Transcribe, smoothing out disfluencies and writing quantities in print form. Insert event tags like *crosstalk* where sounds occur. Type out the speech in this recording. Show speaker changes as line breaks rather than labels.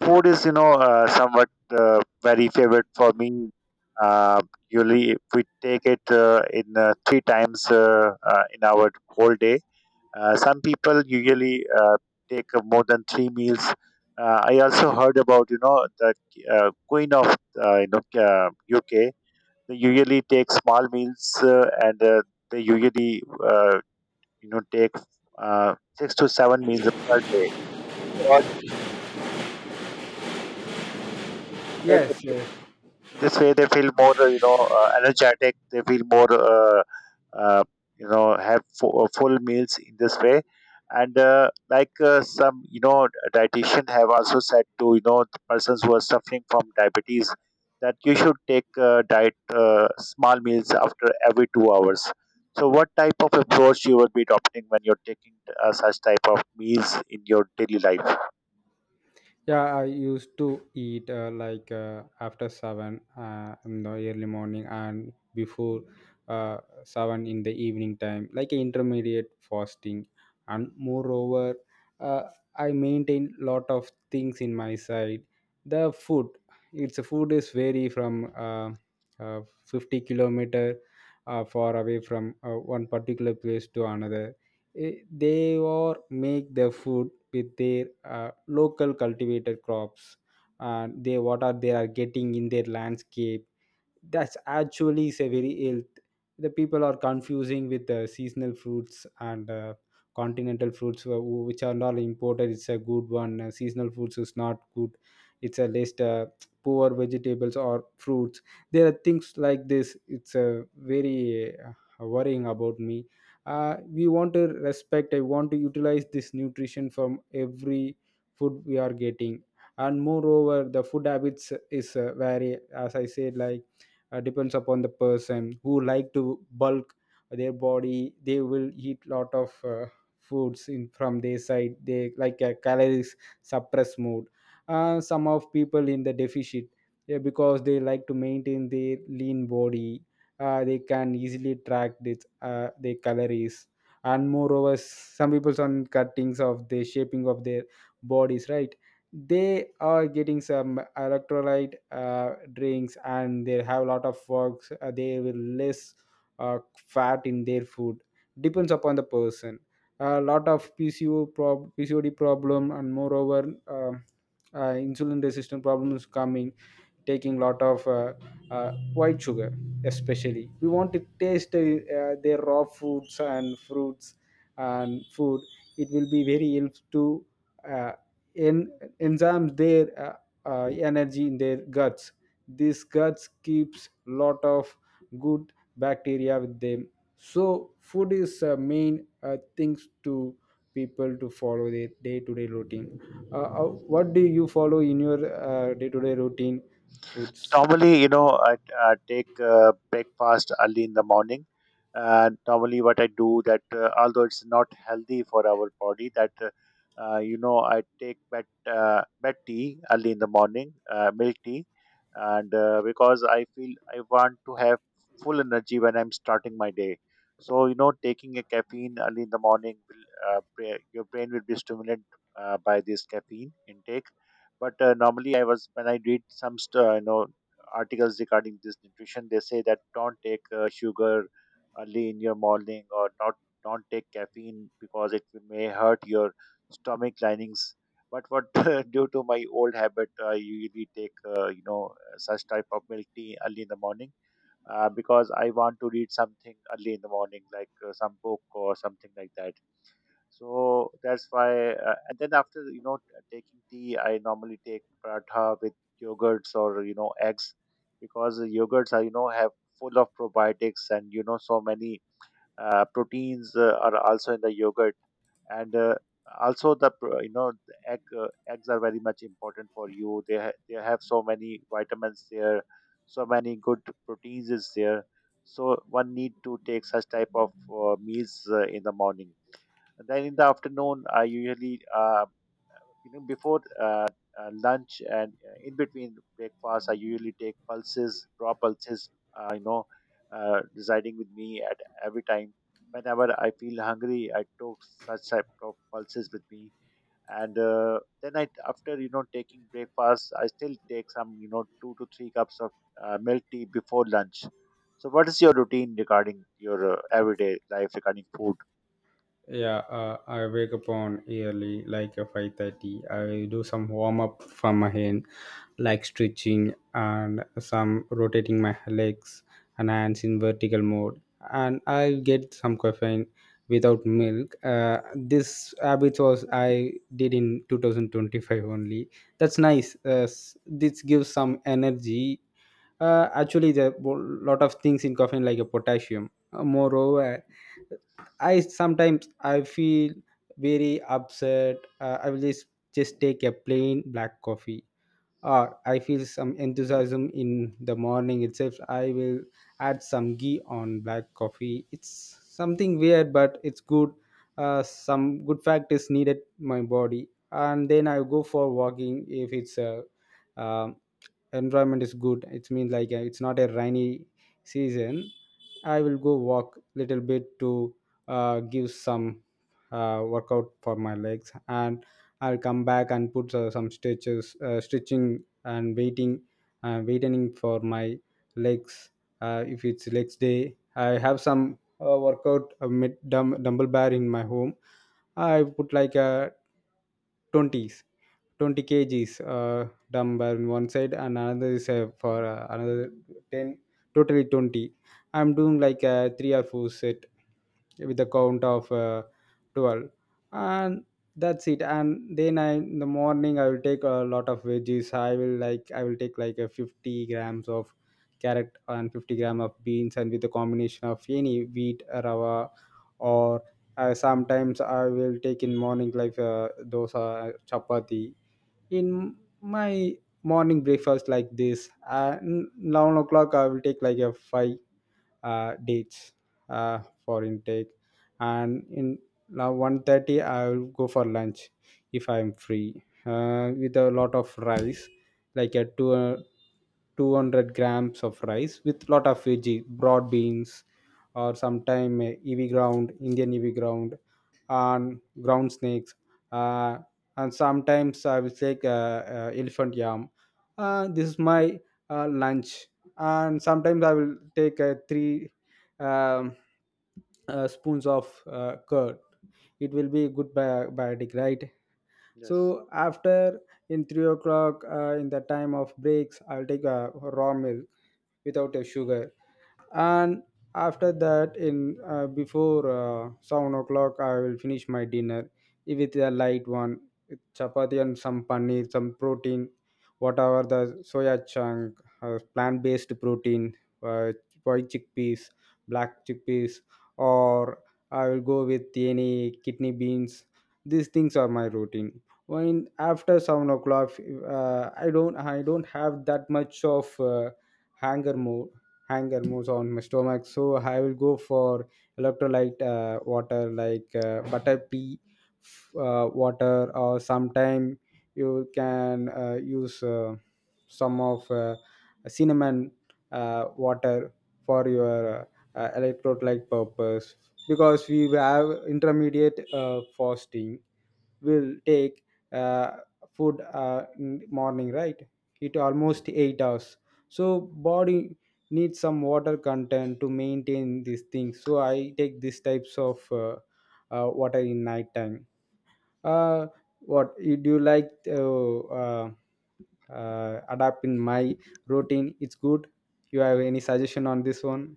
Food is, you know, somewhat very favorite for me. Uh, Usually, we take it in three times in our whole day. Some people usually take more than three meals. I also heard about, you know, the queen of, you know, UK. They usually take small meals and they usually, uh, you know, take six to seven meals per day.
Yes, yes.
This way they feel more energetic. They feel more, uh, you know, have full meals in this way. And like, some, you know, dietitian have also said to, you know, the persons who are suffering from diabetes that you should take diet small meals after every 2 hours. So what type of approach you will be adopting when you're taking such type of meals in your daily life?
Yeah, I used to eat like after seven in the early morning and before uh, seven in the evening time, like intermediate fasting. And moreover, uh, I maintain lot of things in my side. The food, its food is vary from 50 kilometer far away from one particular place to another they or make their food with their local cultivated crops, and they what are they are getting in their landscape. That's actually is a very ill. The people are confusing with the seasonal fruits and continental fruits which are not imported, it's a good one. Seasonal fruits is not good, it's a list, poor vegetables or fruits. There are things like this, it's a very worrying about me. We want to respect, I want to utilize this nutrition from every food we are getting. And moreover the food habits is vary as I said, like depends upon the person who like to bulk their body, they will eat lot of foods in from their side, they like a calories suppress mode. Some of people in the deficit, yeah, because they like to maintain their lean body. They can easily track this their calories. And moreover some people on cuttings of the shaping of their bodies, right? They are getting some electrolyte drinks and they have a lot of works, they will less uh, fat in their food. Depends upon the person. A lot of pcod problem, and moreover um insulin resistant problems coming, taking lot of white sugar. Especially we want to taste their raw foods and fruits and food. It will be very help to uh, in enzymes their energy in their guts. This guts keeps lot of good bacteria with them. So food is main things to people to follow their day-to-day routine. What do you follow in your day-to-day routine foods?
Normally, you know, I take breakfast early in the morning. And normally, what I do that, although it's not healthy for our body, that you know, I take bed tea early in the morning, milk tea, and because I feel I want to have full energy when I'm starting my day. So, you know, taking a caffeine early in the morning will, your brain will be stimulated by this caffeine intake. But normally, I was when I read some you know, articles regarding this nutrition, they say that don't take sugar early in your morning or not. Don't take caffeine because it may hurt your stomach linings. But what, *laughs* due to my old habit, I usually take you know, such type of milk tea early in the morning, because I want to read something early in the morning, like some book or something like that. So that's why, and then, after, you know, taking tea, I normally take paratha with yogurts or, you know, eggs, because the yogurts are, you know, have full of probiotics and, you know, so many proteins are also in the yogurt. And also the you know, the eggs are very much important for you. They they have so many vitamins there, so many good proteins is there. So one need to take such type of meals in the morning. And then in the afternoon, I usually, you know, before lunch and in between breakfast, I usually take pulses, raw pulses, you know, residing with me at every time. Whenever I feel hungry, I took such type of pulses with me. And then I, after, you know, taking breakfast, I still take some, you know, two to three cups of milk tea before lunch. So, what is your routine regarding your everyday life regarding food?
Yeah, I wake up on early, like a 5:30. I do some warm up for my hand, like stretching and some rotating my legs and hands in vertical mode. And I get some caffeine without milk. This habit was I did in 2025 only. That's nice. This gives some energy. Actually, there are lot of things in caffeine like a potassium. Moreover I sometimes I feel very upset. I will just take a plain black coffee, or I feel some enthusiasm in the morning itself. I will add some ghee on black coffee. It's something weird, but it's good. Some good fact is needed my body, and then I go for walking if it's a um, environment is good, it means like it's not a rainy season. I will go walk little bit to give some workout for my legs, and I'll come back and put some stretches, stitching and waiting, waiting for my legs. If it's legs day I have some workout, dumbbell bar in my home. I put like a 20s, 20 kgs dumbbell in one side, and another is for another 10, totally 20. I'm doing like a 3 or 4 set with a count of 12. And that's it. And then I in the morning I will take a lot of veggies. I will take like a 50 grams of carrot and 50 gram of beans, and with a combination of any wheat rava, or sometimes I will take in morning like dosa, chapati in my morning breakfast like this. And 9 o'clock I will take like a five dates uh, for intake. And in now 1:30, I will go for lunch if I am free, with a lot of rice, like a 200 grams of rice with lot of veggie broad beans, or sometime ev ground indian ev ground and ground snakes, uh, and sometimes I will take elephant yam. This is my lunch. And sometimes I will take a three, um, spoons of curd, it will be good biotic, right?
Yes.
So after in 3 o'clock, in the time of breaks, I'll take a raw milk without a sugar. And after that in before 7 o'clock, I will finish my dinner with a light one, with chapati and some paneer, some protein, whatever the soya chunk, plant-based protein, uh, white chickpeas, black chickpeas, or I will go with any kidney beans. These things are my routine. When after 7 o'clock, I don't have that much of hunger mode, hunger moves on my stomach. So I will go for electrolyte water, like butter pea water. Or sometime you can use some of cinnamon water for your electrolyte purpose. Because we have intermediate fasting, will take uh, food in morning, right? It almost 8 hours. So body needs some water content to maintain these things, so I take these types of water in night time. uh, what you do, you like adapt in my routine, it's good? You have any suggestion on this one?